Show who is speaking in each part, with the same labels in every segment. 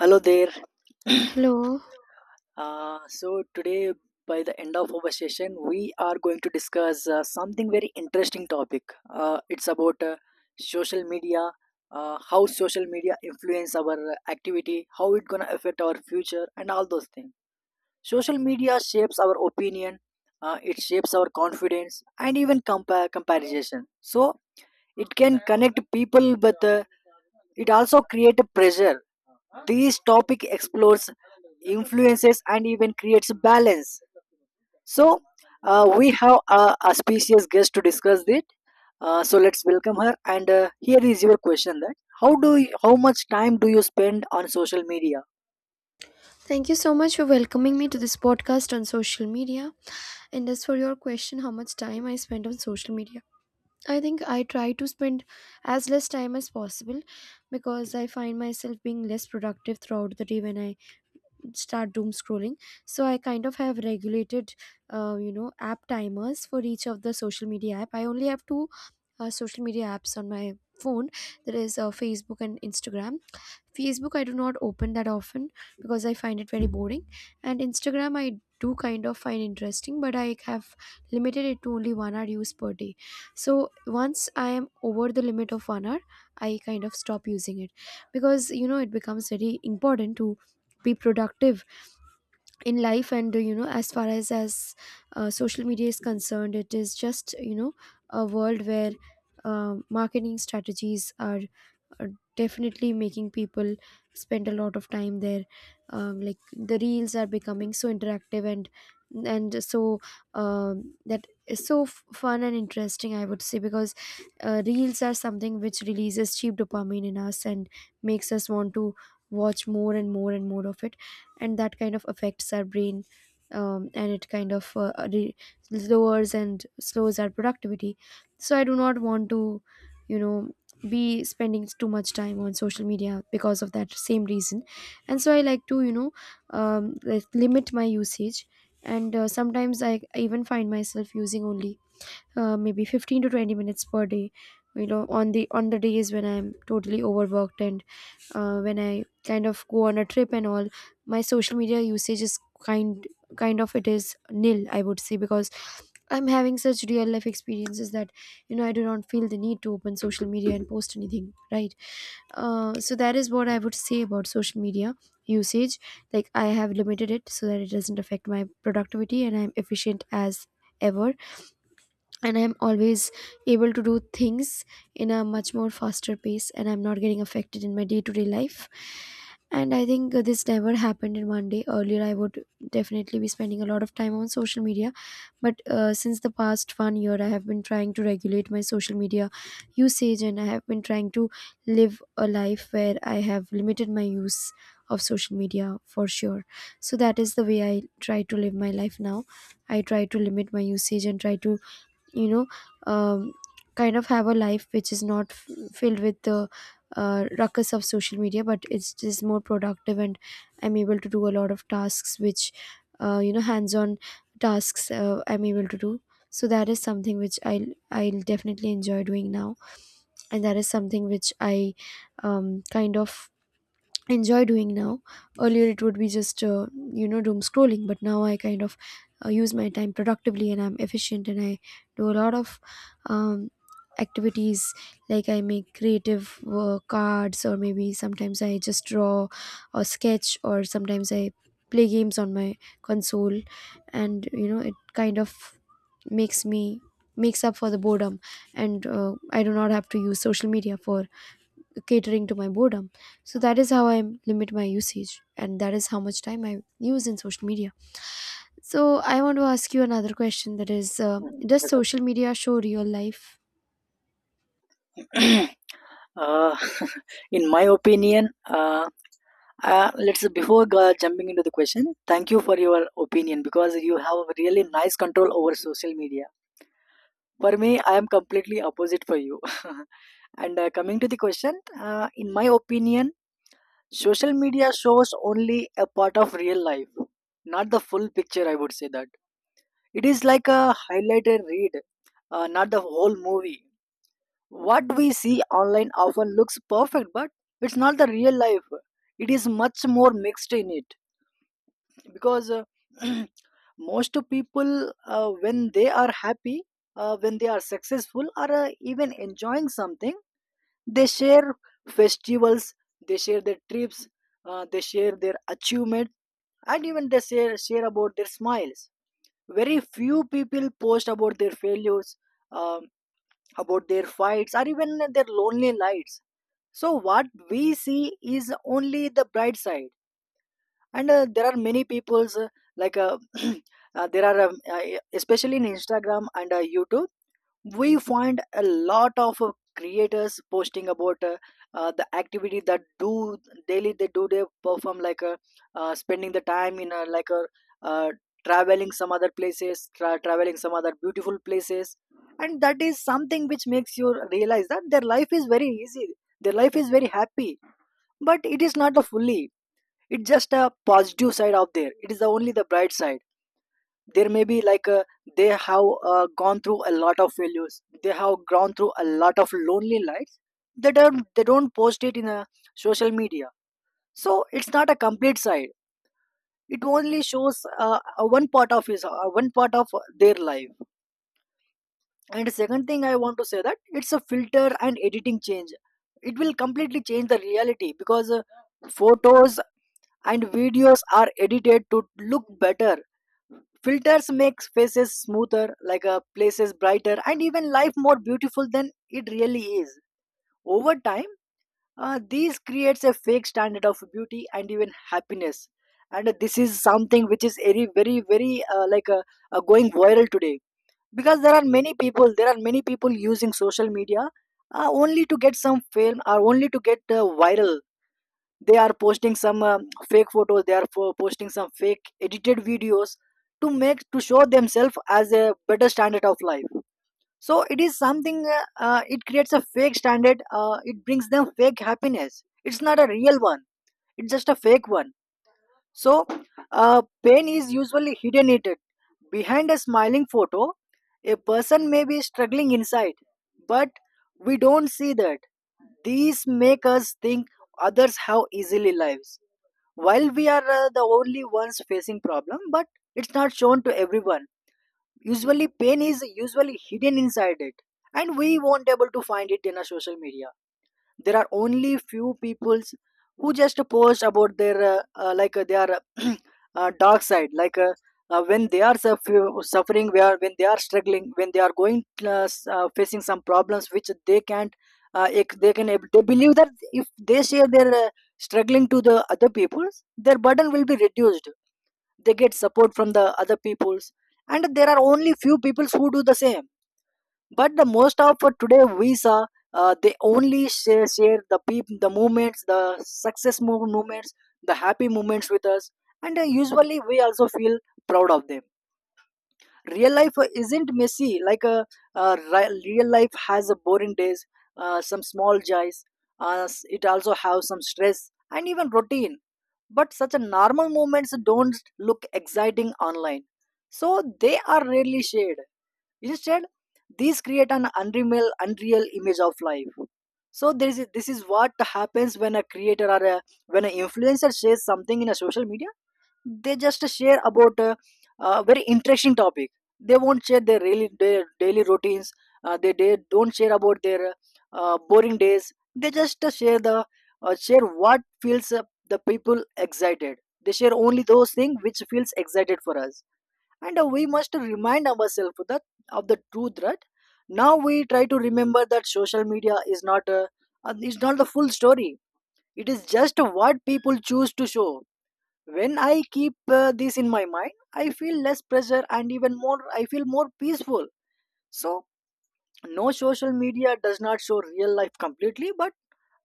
Speaker 1: Hello there.
Speaker 2: Hello.
Speaker 1: So today, by the end of our session, we are going to discuss something very interesting topic. It's about social media, how social media influence our activity, how it gonna affect our future, and all those things. Social media shapes our opinion, it shapes our confidence, and even compare comparison. So it can connect people, but it also create a pressure, this topic explores influences and even creates balance. So, we have a specious guest to discuss it. So let's welcome her. And Here is your question: that how much time do you spend on social media?
Speaker 2: Thank you so much for welcoming me to this podcast on social media. And as for your question, how much time I spend on social media, I think I try to spend as less time as possible because I find myself being less productive throughout the day when I start doom scrolling. So I kind of have regulated, you know, app timers for each of the social media app. I only have two social media apps on my phone, that is facebook and instagram. Facebook, I do not open that often because I find it very boring. And Instagram, I do kind of find interesting, but I have limited it to only 1 hour use per day. So once I am over the limit of 1 hour, I kind of stop using it because you know it becomes very important to be productive in life. And you know, as far as social media is concerned, it is just you know a world where marketing strategies are uh, definitely making people spend a lot of time there. Like the reels are becoming so interactive, and so that is so fun and interesting, I would say, because reels are something which releases cheap dopamine in us and makes us want to watch more and more and more of it, and that kind of affects our brain. And it kind of lowers and slows our productivity. So I do not want to, you know, be spending too much time on social media because of that same reason. And so I like to, you know, like limit my usage. And sometimes I even find myself using only maybe 15 to 20 minutes per day, you know, on the days when I'm totally overworked. And when I kind of go on a trip and all, my social media usage is kind kind of, it is nil, I would say, because I'm having such real life experiences that, you know, I do not feel the need to open social media and post anything, right? So that is what I would say about social media usage. Like I have limited it so that it doesn't affect my productivity, and I'm efficient as ever, and I'm always able to do things in a much more faster pace, and I'm not getting affected in my day-to-day life. And I think this never happened in one day. Earlier I would definitely be spending a lot of time on social media, but since the past 1 year, I have been trying to regulate my social media usage, and I have been trying to live a life where I have limited my use of social media for sure. So that is the way I try to live my life now. I try to limit my usage and try to, you know, um, kind of have a life which is not filled with the ruckus of social media, but it's just more productive, and I'm able to do a lot of tasks which, you know, hands on tasks, I'm able to do. So that is something which I'll definitely enjoy doing now. And that is something which I kind of enjoy doing now. Earlier it would be just, you know, doom scrolling, but now I kind of use my time productively, and I'm efficient, and I do a lot of um, activities, like I make creative cards, or maybe sometimes I just draw or sketch, or sometimes I play games on my console. And you know it kind of makes me makes up for the boredom. And I do not have to use social media for catering to my boredom. So that is how I limit my usage, and that is how much time I use in social media. So I want to ask you another question, that is,
Speaker 1: Hmm,
Speaker 2: does social media show real life?
Speaker 1: a- uh, in my opinion, let's, before jumping into the question, thank you for your opinion because you have really nice control over social media. For me, I am completely opposite for you. and Coming to the question, in my opinion, social media shows only a part of real life, not the full picture. I would say that it is like a highlighted read, not the whole movie. What we see online often looks perfect, but it's not the real life. It is much more mixed in it, because most people, when they are happy, when they are successful, or even enjoying something, they share festivals, they share their trips, they share their achievement, and even they share about their smiles. Very few people post about their failures, um, about their fights or even their lonely lights. So what we see is only the bright side. And There are many people's, like uh, there are especially in instagram and youtube, we find a lot of creators posting about, the activity that do daily, they do, they perform, like spending the time in, uh, traveling some other places, traveling some other beautiful places. And that is something which makes you realize that their life is very easy, their life is very happy, but it is not the fully, it's just a positive side out there, it is the only the bright side. There may be, like, they have gone through a lot of failures, they have gone through a lot of lonely lives. They don't post it in a social media. So it's not a complete side, it only shows a one part of his one part of their life. And second thing I want to say, that it's a filter and editing change, it will completely change the reality, because photos and videos are edited to look better. Filters make faces smoother, like a places brighter, and even life more beautiful than it really is. Over time, this creates a fake standard of beauty and even happiness. And This is something which is very, very, very, going viral today, because there are many people. There are many people using social media only to get some fame or only to get viral. They are posting some fake photos, they are posting some fake edited videos to make, to show themselves as a better standard of life. So it is something, it creates a fake standard, it brings them fake happiness, it's not a real one, it's just a fake one. So pain is usually hidden in it. Behind a smiling photo, a person may be struggling inside, but we don't see that. These make us think others have easily lives, while we are the only ones facing problem, but it's not shown to everyone. Usually pain is usually hidden inside it, and we won't able to find it in a social media. There are only few peoples who just post about their, their uh, dark side, like when they are suffering, where when they are struggling, when they are going facing some problems which they can't, they believe that if they share their struggling to the other peoples, their burden will be reduced, they get support from the other peoples. And there are only few peoples who do the same. But the most of today visa, they only share the people, the moments, the success moments, the happy moments with us. And usually we also feel proud of them. Real life isn't messy like a, real life has a boring days, some small joys, it also have some stress and even routine. But such a normal moments don't look exciting online, so they are rarely shared. Instead, these create an unreal image of life. So there is, this is what happens when a creator or a, when an influencer shares something in a social media. They just share about a very interesting topic. They won't share their really their daily routines. They don't share about their boring days. They just share the share what feels the people excited. They share only those things which feels excited for us. And we must remind ourselves that of the truth, right now, we try to remember that social media is not is not the full story, it is just what people choose to show. When I keep this in my mind, I feel less pressure and even more, I feel more peaceful. So no, social media does not show real life completely, but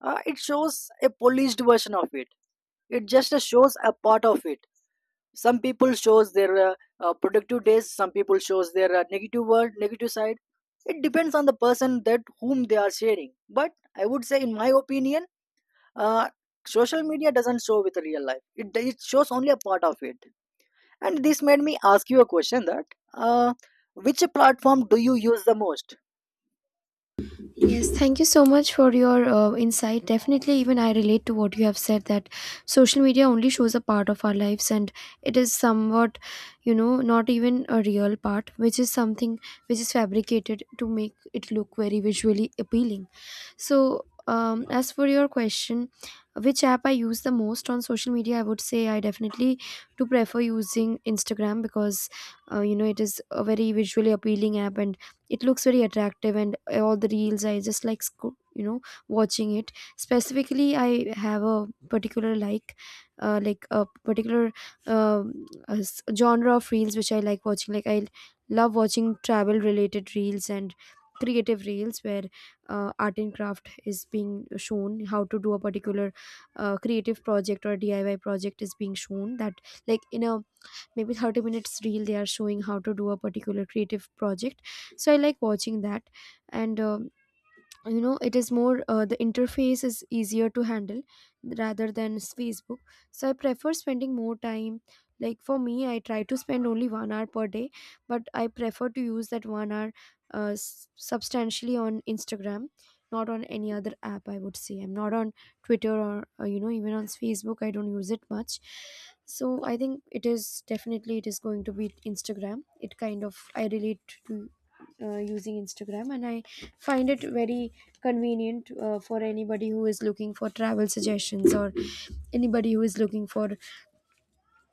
Speaker 1: it shows a polished version of it, it just shows a part of it. Some people shows their, productive days, some people shows their negative world, negative side. It depends on the person that whom they are sharing. But I would say in my opinion, uh, social media doesn't show with real life, it shows only a part of it. And this made me ask you a question, that uh, which platform do you use the most?
Speaker 2: Yes, thank you so much for your insight. Definitely, even I relate to what you have said, that social media only shows a part of our lives, and it is somewhat, you know, not even a real part, which is something which is fabricated to make it look very visually appealing. So, as for your question, which app I use the most on social media, I would say I definitely do prefer using Instagram because, you know, it is a very visually appealing app, and it looks very attractive, and all the reels I just like you know watching it. Specifically I have a particular like, like a particular genre of reels which I like watching. Like I love watching travel related reels and creative reels where art and craft is being shown, how to do a particular creative project or DIY project is being shown. That like in a maybe 30 minutes reel, they are showing how to do a particular creative project. So I like watching that. And you know, it is more the interface is easier to handle rather than facebook. So I prefer spending more time, like for me, I try to spend only 1 hour per day, but I prefer to use that 1 hour substantially on instagram, not on any other app. I would say I'm not on twitter or, you know, even on facebook I don't use it much. So I think it is definitely, it is going to be instagram. It kind of, I relate to using Instagram, and I find it very convenient for anybody who is looking for travel suggestions, or anybody who is looking for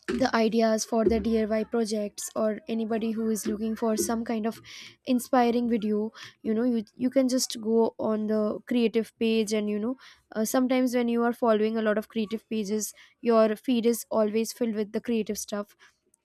Speaker 2: the ideas for the DIY projects, or anybody who is looking for some kind of inspiring video. You know, you can just go on the creative page, and you know, sometimes when you are following a lot of creative pages, your feed is always filled with the creative stuff,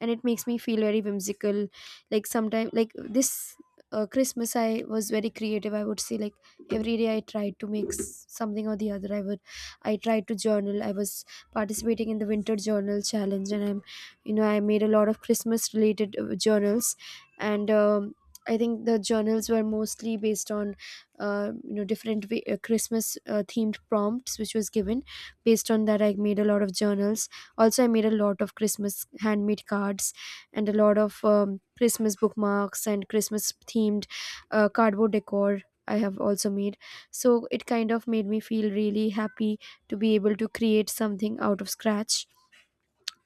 Speaker 2: and it makes me feel very whimsical. Like sometimes, like this christmas, I was very creative, I would say. Like every day I tried to make something or the other. I would, I tried to journal. I was participating in the winter journal challenge, and I'm, you know, I made a lot of christmas related journals. And I think the journals were mostly based on you know, different christmas themed prompts which was given. Based on that, I made a lot of journals. Also I made a lot of christmas handmade cards, and a lot of christmas bookmarks, and christmas themed cardboard decor I have also made. So it kind of made me feel really happy to be able to create something out of scratch.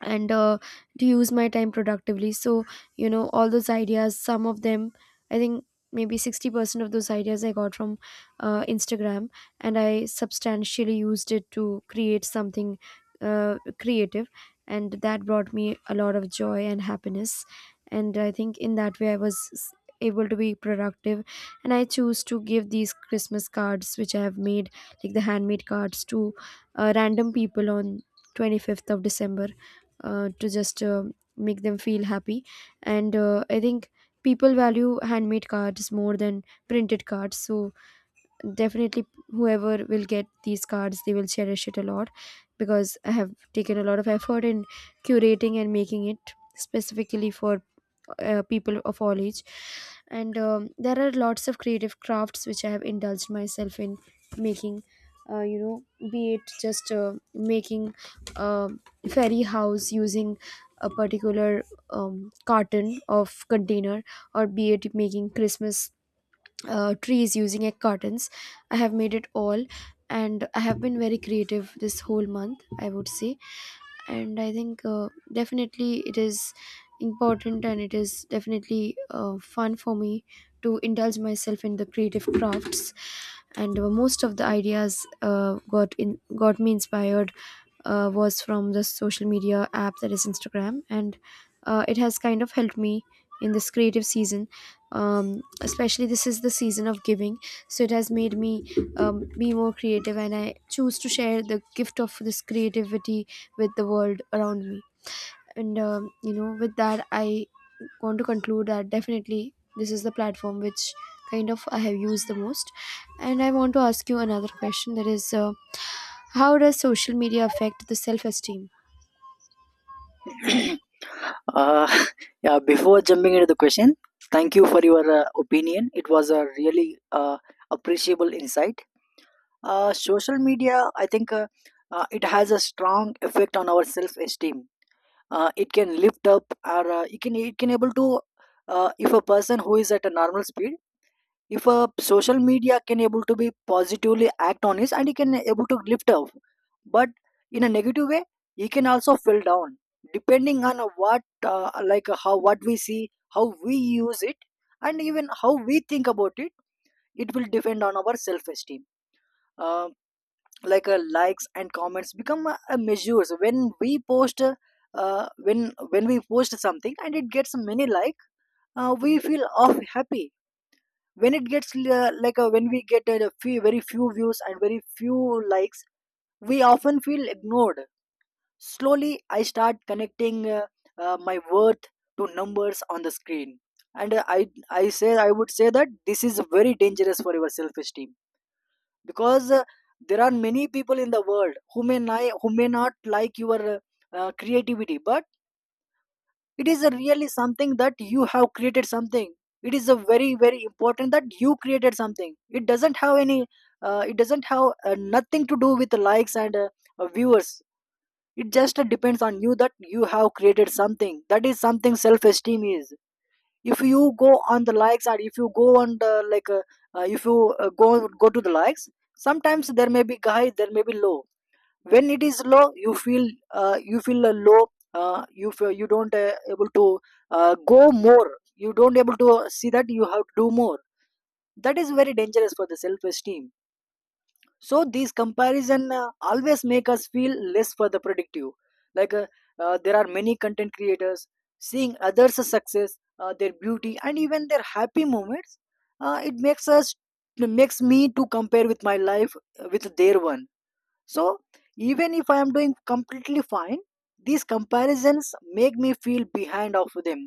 Speaker 2: And to use my time productively. So you know all those ideas, some of them, I think maybe 60% of those ideas I got from instagram, and I substantially used it to create something creative. And that brought me a lot of joy and happiness. And I think in that way I was able to be productive. And I choose to give these christmas cards which I have made, like the handmade cards, to random people on 25th of december, to just make them feel happy. And I think people value handmade cards more than printed cards. So definitely whoever will get these cards, they will cherish it a lot, because I have taken a lot of effort in curating and making it specifically for people of all age. And there are lots of creative crafts which I have indulged myself in making, you know, be it just making a fairy house using a particular carton of container, or be it making christmas trees using egg cartons. I have made it all, and I have been very creative this whole month, I would say. And I think definitely it is important, and it is definitely fun for me to indulge myself in the creative crafts. And most of the ideas got me inspired, was from the social media app, that is Instagram. And it has kind of helped me in this creative season. Especially this is the season of giving, so it has made me be more creative, and I choose to share the gift of this creativity with the world around me. And you know, with that I want to conclude that definitely this is the platform which kind of I have used the most. And I want to ask you another question, that is, how does social media affect the self-esteem?
Speaker 1: uh, yeah, before jumping into the question, thank you for your opinion, it was a really appreciable insight. Uh, social media, I think, it has a strong effect on our self esteem. Uh, it can lift up, or it can, it can able to, if a person who is at a normal speed, if a social media can able to be positively act on it and he can able to lift up, but in a negative way, he can also fell down, depending on what, how what we see, how we use it, and even how we think about it, it will depend on our self esteem. Like, likes and comments become, measures when we post, when we post something and it gets many like, we feel off happy. When it gets, when we get, few, very few views and very few likes, we often feel ignored. Slowly I start connecting, my worth to numbers on the screen. And I would say that this is very dangerous for your self esteem, because there are many people in the world who who may not like your creativity. But it is a really something that you have created something, it is a very very important that you created something, it doesn't have any, it doesn't have, nothing to do with likes and, viewers. It just depends on you that you have created something, that is something self esteem is. If you go on the likes, or if you go on the like, if you go go to the likes, sometimes there may be high, there may be low. When it is low, you feel low, you feel you don't able to go more, you don't able to see that you have to do more. That is very dangerous for the self esteem. So these comparison, always make us feel less for the productive. Like, there are many content creators, seeing others success, their beauty, and even their happy moments, it makes us, makes me to compare with my life, with their one. So even if I am doing completely fine, these comparisons make me feel behind of them.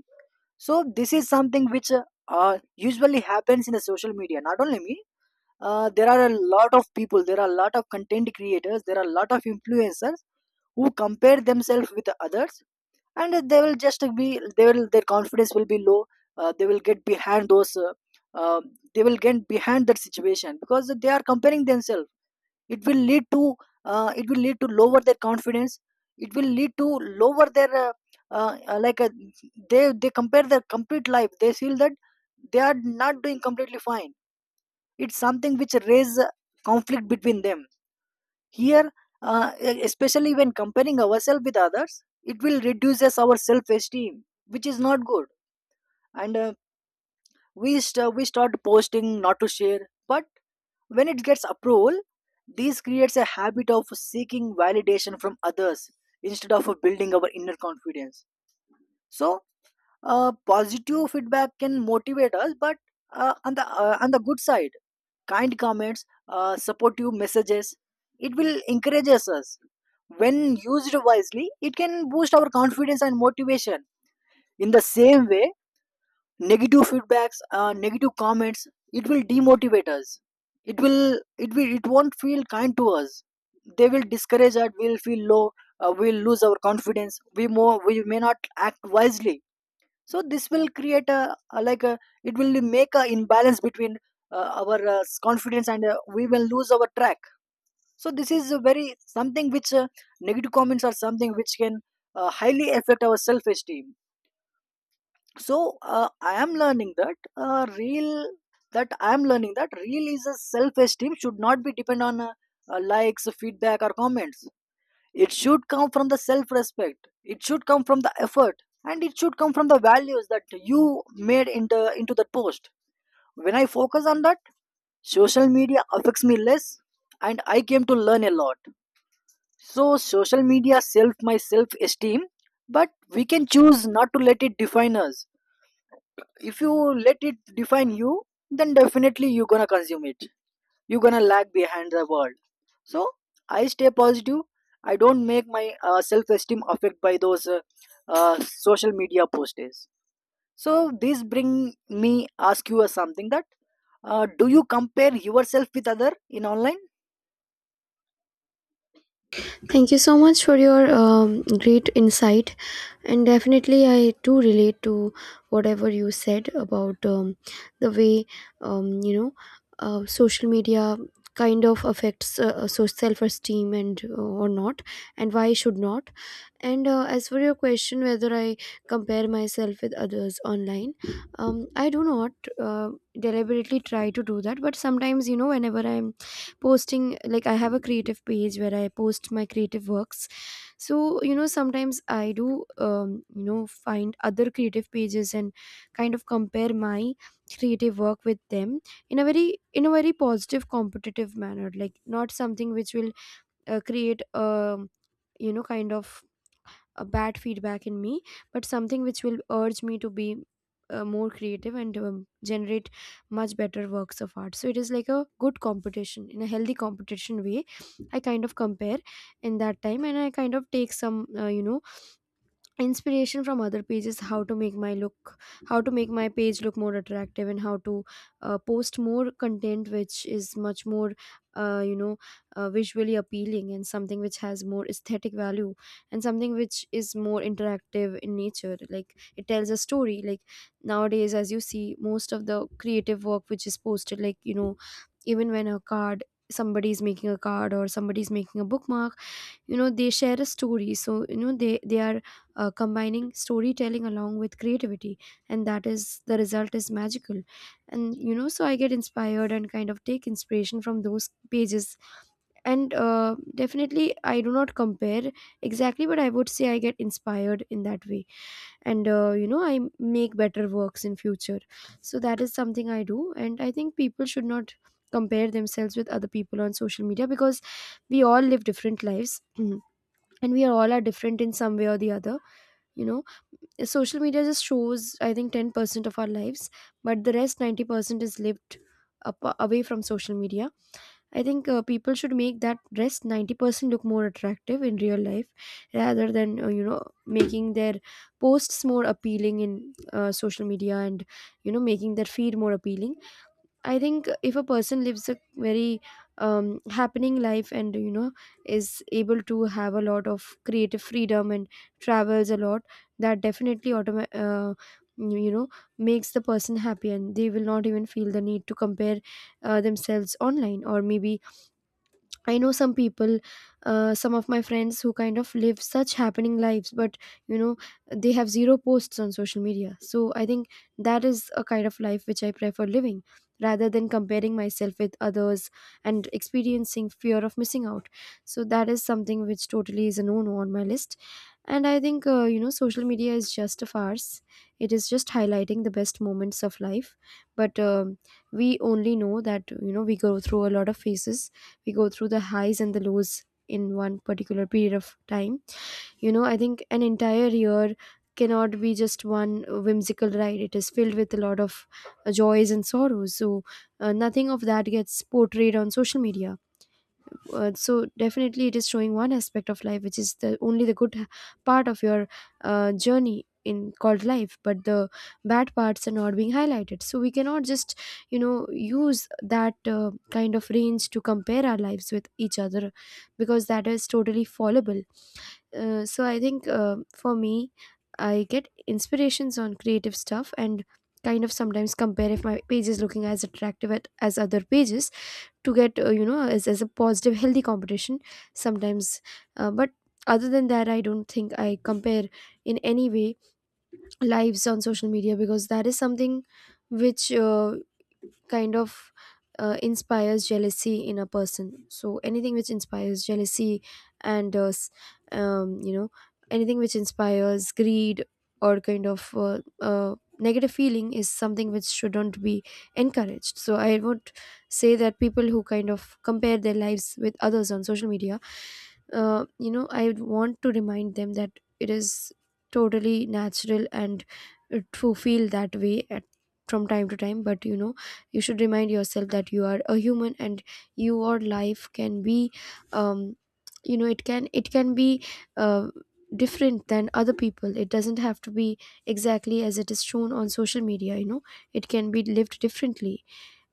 Speaker 1: So this is something which, usually happens in the social media, not only me. Uh, there are a lot of people, there are a lot of content creators, there are a lot of influencers who compare themselves with others And they will just be, they will their confidence will be low. They will get behind those uh, they will get behind that situation because they are comparing themselves. It will lead to, it will lead to lower their confidence. It will lead to lower their uh, uh, like uh, they compare their complete life. They feel that they are not doing completely fine. It's something which raise conflict between them here. Especially when comparing ourselves with others, it will reduces our self esteem, which is not good. and uh, we start posting not to share, but when it gets approval, this creates a habit of seeking validation from others instead of building our inner confidence. So positive feedback can motivate us, but on the good side, kind comments, supportive messages. It will encourage us. When used wisely, it can boost our confidence and motivation. In the same way, negative feedbacks, negative comments, it will demotivate us. It will, it won't feel kind to us. They will discourage us. We'll feel low. We'll lose our confidence. We more, we may not act wisely. So this will create a like a, it will make a imbalance between our confidence, and we will lose our track. So this is a very something which, negative comments are something which can highly affect our self esteem. So I am learning uh, real that I am learning that real is a self esteem should not be depend on likes, feedback or comments. It should come from the self respect, it should come from the effort, and it should come from the values that you made into that post. When I focus on that, social media affects me less, and I came to learn a lot. So, social media self my self esteem, but we can choose not to let it define us. If you let it define you, then definitely you're gonna consume it, you're gonna lag behind the world. So I stay positive. I don't make my self-esteem affect by those uh, social media posts. So this bring me ask you something that, do you compare yourself with other in online?
Speaker 2: Thank you so much for your great insight. And definitely, I do relate to whatever you said about the way, um, you know, social media kind of affects so self esteem and or not, and why should not. And as for your question, whether I compare myself with others online, I do not uh, deliberately try to do that. But sometimes, you know, whenever I'm posting, like I have a creative page where I post my creative works. So, you know, sometimes I do, find other creative pages and kind of compare my creative work with them in a very positive competitive manner, like not something which will create a, you know, kind of a bad feedback in me, but something which will urge me to be more creative and generate much better works of art. So it is like a good competition, in a healthy competition way I kind of compare in that time, and I kind of take some, you know, inspiration from other pages. How to make my look, how to make my page look more attractive, and how to post more content which is much more, uh, you know visually appealing, and something which has more aesthetic value, and something which is more interactive in nature, like it tells a story. Like nowadays, as you see, most of the creative work which is posted, like, you know, even when a card, somebody is making a card or somebody is making a bookmark, you know, they share a story. So, you know, they are combining storytelling along with creativity, and that is the result is magical. And, you know, so I get inspired and kind of take inspiration from those pages. And definitely I do not compare exactly, but I would say I get inspired in that way. And you know, I make better works in future. So that is something I do. And I think people should not compare themselves with other people on social media, because we all live different lives. And we are all are different in some way or the other, you know. Social media just shows, I think, 10% of our lives, but the rest 90% is lived up, away from social media. I think people should make that rest 90% look more attractive in real life, rather than, you know, making their posts more appealing in social media, and, you know, making their feed more appealing. I think if a person lives a very happening life, and, you know, is able to have a lot of creative freedom and travels a lot, that definitely you know, makes the person happy, and they will not even feel the need to compare themselves online. Or maybe I know some people, some of my friends who kind of live such happening lives, but, you know, they have zero posts on social media. So I think that is a kind of life which I prefer living, rather than comparing myself with others and experiencing fear of missing out. So that is something which totally is a no no on my list. And I think, you know, social media is just a farce, it is just highlighting the best moments of life. But we only know that, you know, we go through a lot of phases, we go through the highs and the lows in one particular period of time. You know, I think an entire year cannot be just one whimsical ride, it is filled with a lot of joys and sorrows. So nothing of that gets portrayed on social media. So definitely it is showing one aspect of life, which is the only the good part of your journey in called life, but the bad parts are not being highlighted. So we cannot just, you know, use that kind of range to compare our lives with each other, because that is totally fallible. So I think, for me, I get inspirations on creative stuff and kind of sometimes compare if my page is looking as attractive at, as other pages, to get, you know, as a positive healthy competition sometimes. But other than that, I don't think I compare in any way lives on social media, because that is something which kind of inspires jealousy in a person. So anything which inspires jealousy and you know, anything which inspires greed or kind of negative feeling is something which shouldn't be encouraged. So I would say that people who kind of compare their lives with others on social media, you know, I would want to remind them that it is totally natural, and to feel that way at from time to time. But, you know, you should remind yourself that you are a human, and your life can be um you know, it can be uh, different than other people. It doesn't have to be exactly as it is shown on social media, you know, it can be lived differently.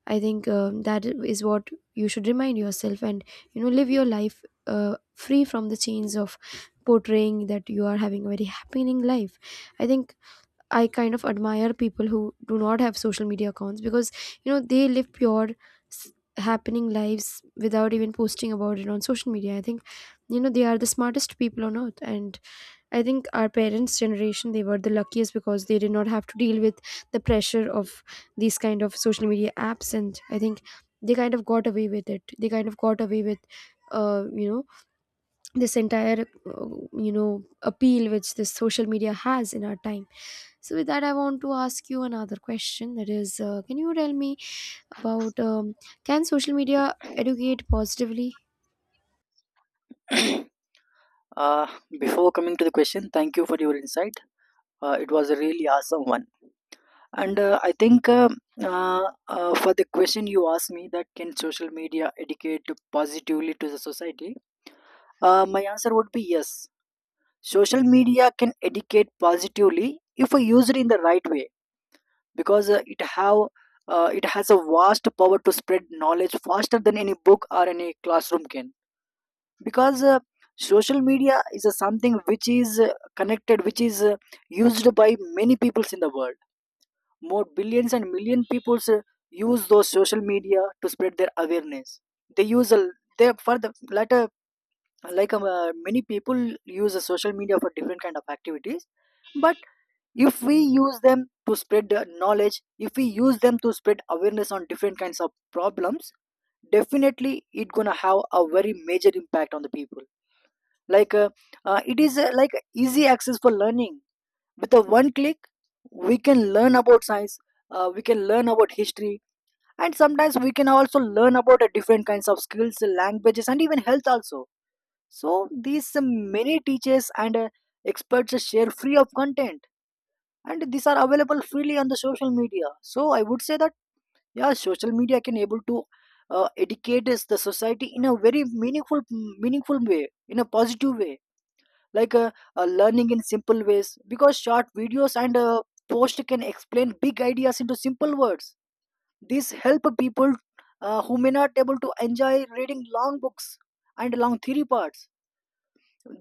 Speaker 2: I think that is what you should remind yourself, and, you know, live your life free from the chains of portraying that you are having a very happening life. I think I kind of admire people who do not have social media accounts, because, you know, they live pure happening lives without even posting about it on social media. I think, you know, they are the smartest people on earth. And I think our parents' generation, they were the luckiest, because they did not have to deal with the pressure of these kind of social media apps. And I think they kind of got away with it. They kind of got away with, you know, this entire, uh, you know, appeal which this social media has in our time. So with that, I want to ask you another question. That is, can you tell me about can social media educate positively?
Speaker 1: uh, Before coming to the question, thank you for your insight. It was a really awesome one. And I think uh, for the question you asked me, that can social media educate positively to the society, my answer would be yes. Social media can educate positively if we use it in the right way, because it has a vast power to spread knowledge faster than any book or any classroom can. Because social media is a something which is connected, which is used by many peoples in the world. More billions and million peoples use those social media to spread their awareness. They use a, they for the latter. Like many people use a social media for different kind of activities. But if we use them to spread the knowledge, if we use them to spread awareness on different kinds of problems, definitely it gonna have a very major impact on the people. like uh, it is like easy access for learning. With a one click, we can learn about science, we can learn about history, and sometimes we can also learn about different kinds of skills, languages, and even health also. So these many teachers and experts share free of content, and these are available freely on the social media. So I would say that, yeah, social media can able to educate us the society in a very meaningful, meaningful way, in a positive way. Like learning in simple ways, because short videos and post can explain big ideas into simple words. These help people who may not able to enjoy reading long books and long theory parts.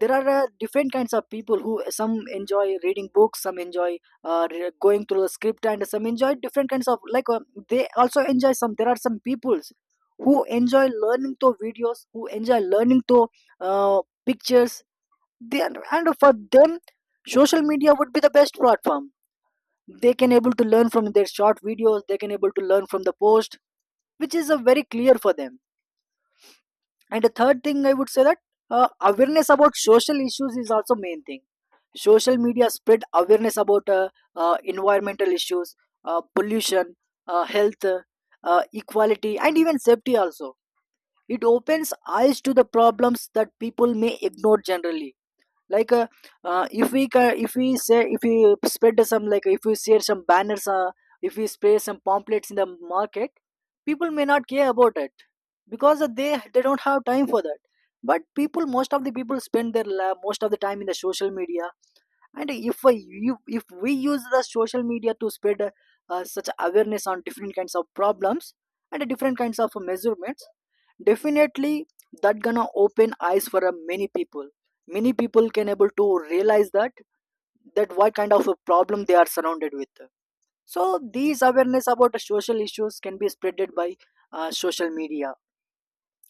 Speaker 1: There are different kinds of people, who some enjoy reading books, some enjoy going through the script, and some enjoy different kinds of they also enjoy some. There are some peoples who enjoy learning through videos, who enjoy learning through uh, pictures. They, are- and for them, social media would be the best platform. They can able to learn from their short videos, they can able to learn from the post, which is a very clear for them. And the third thing I would say that, awareness about social issues is also main thing. Social media spread awareness about environmental issues, pollution, health, equality, and even safety also. It opens eyes to the problems that people may ignore generally. Like if we ca- if we say, if we spread some like if we share some banners, if we spray some pamphlets in the market, people may not care about it, because they don't have time for that. But people, most of the people spend their la- most of the time in the social media, and if I, you, if we use the social media to spread such awareness on different kinds of problems and different kinds of measurements, definitely that gonna open eyes for many people. Many people can able to realize that, that what kind of a problem they are surrounded with. So these awareness about the social issues can be spreaded by social media.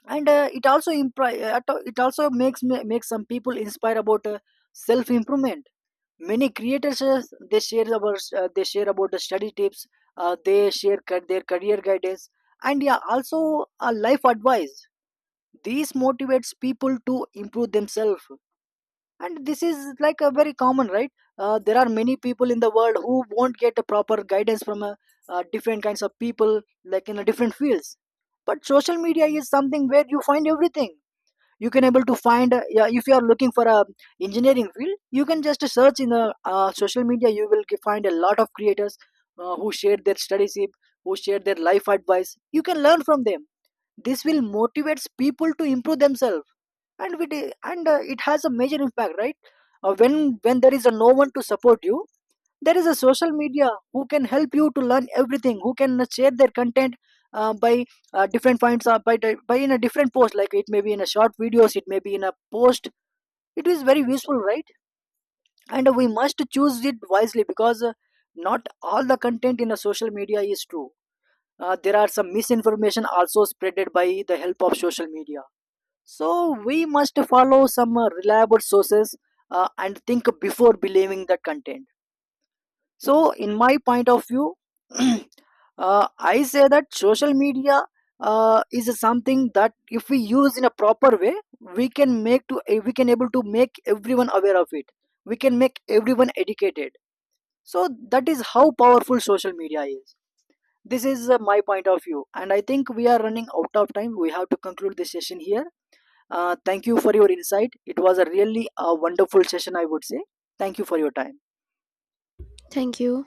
Speaker 1: And it also impri- it al- it also makes me- makes some people inspire about self improvement. Many creators they share about the study tips, they share ca- their career guidance, and yeah also life advice. These motivates people to improve themselves, and this is like a very common, right? There are many people in the world who won't get a proper guidance from a, different kinds of people, like in a different fields. But social media is something where you find everything. You can able to find yeah, if you are looking for a engineering field, you can just search in the social media, you will ge- find a lot of creators who share their studies, who share their life advice. You can learn from them. This will motivates people to improve themselves. And we did, and it has a major impact, right? When there is a no one to support you, there is a social media who can help you to learn everything, who can share their content by different points, or by, di- by in a different post. Like it may be in a short videos, it may be in a post. It is very useful, right? And we must choose it wisely, because not all the content in a social media is true. There are some misinformation also spreaded by the help of social media. So we must follow some reliable sources, and think before believing the content. So, in my point of view, I say that social media is something that if we use in a proper way, we can make to eh, we can able to make everyone aware of it. We can make everyone educated. So that is how powerful social media is. This is my point of view, and I think we are running out of time. We have to conclude this session here. Thank you for your insight. It was a really wonderful session, I would say. Thank you for your time.
Speaker 2: Thank you.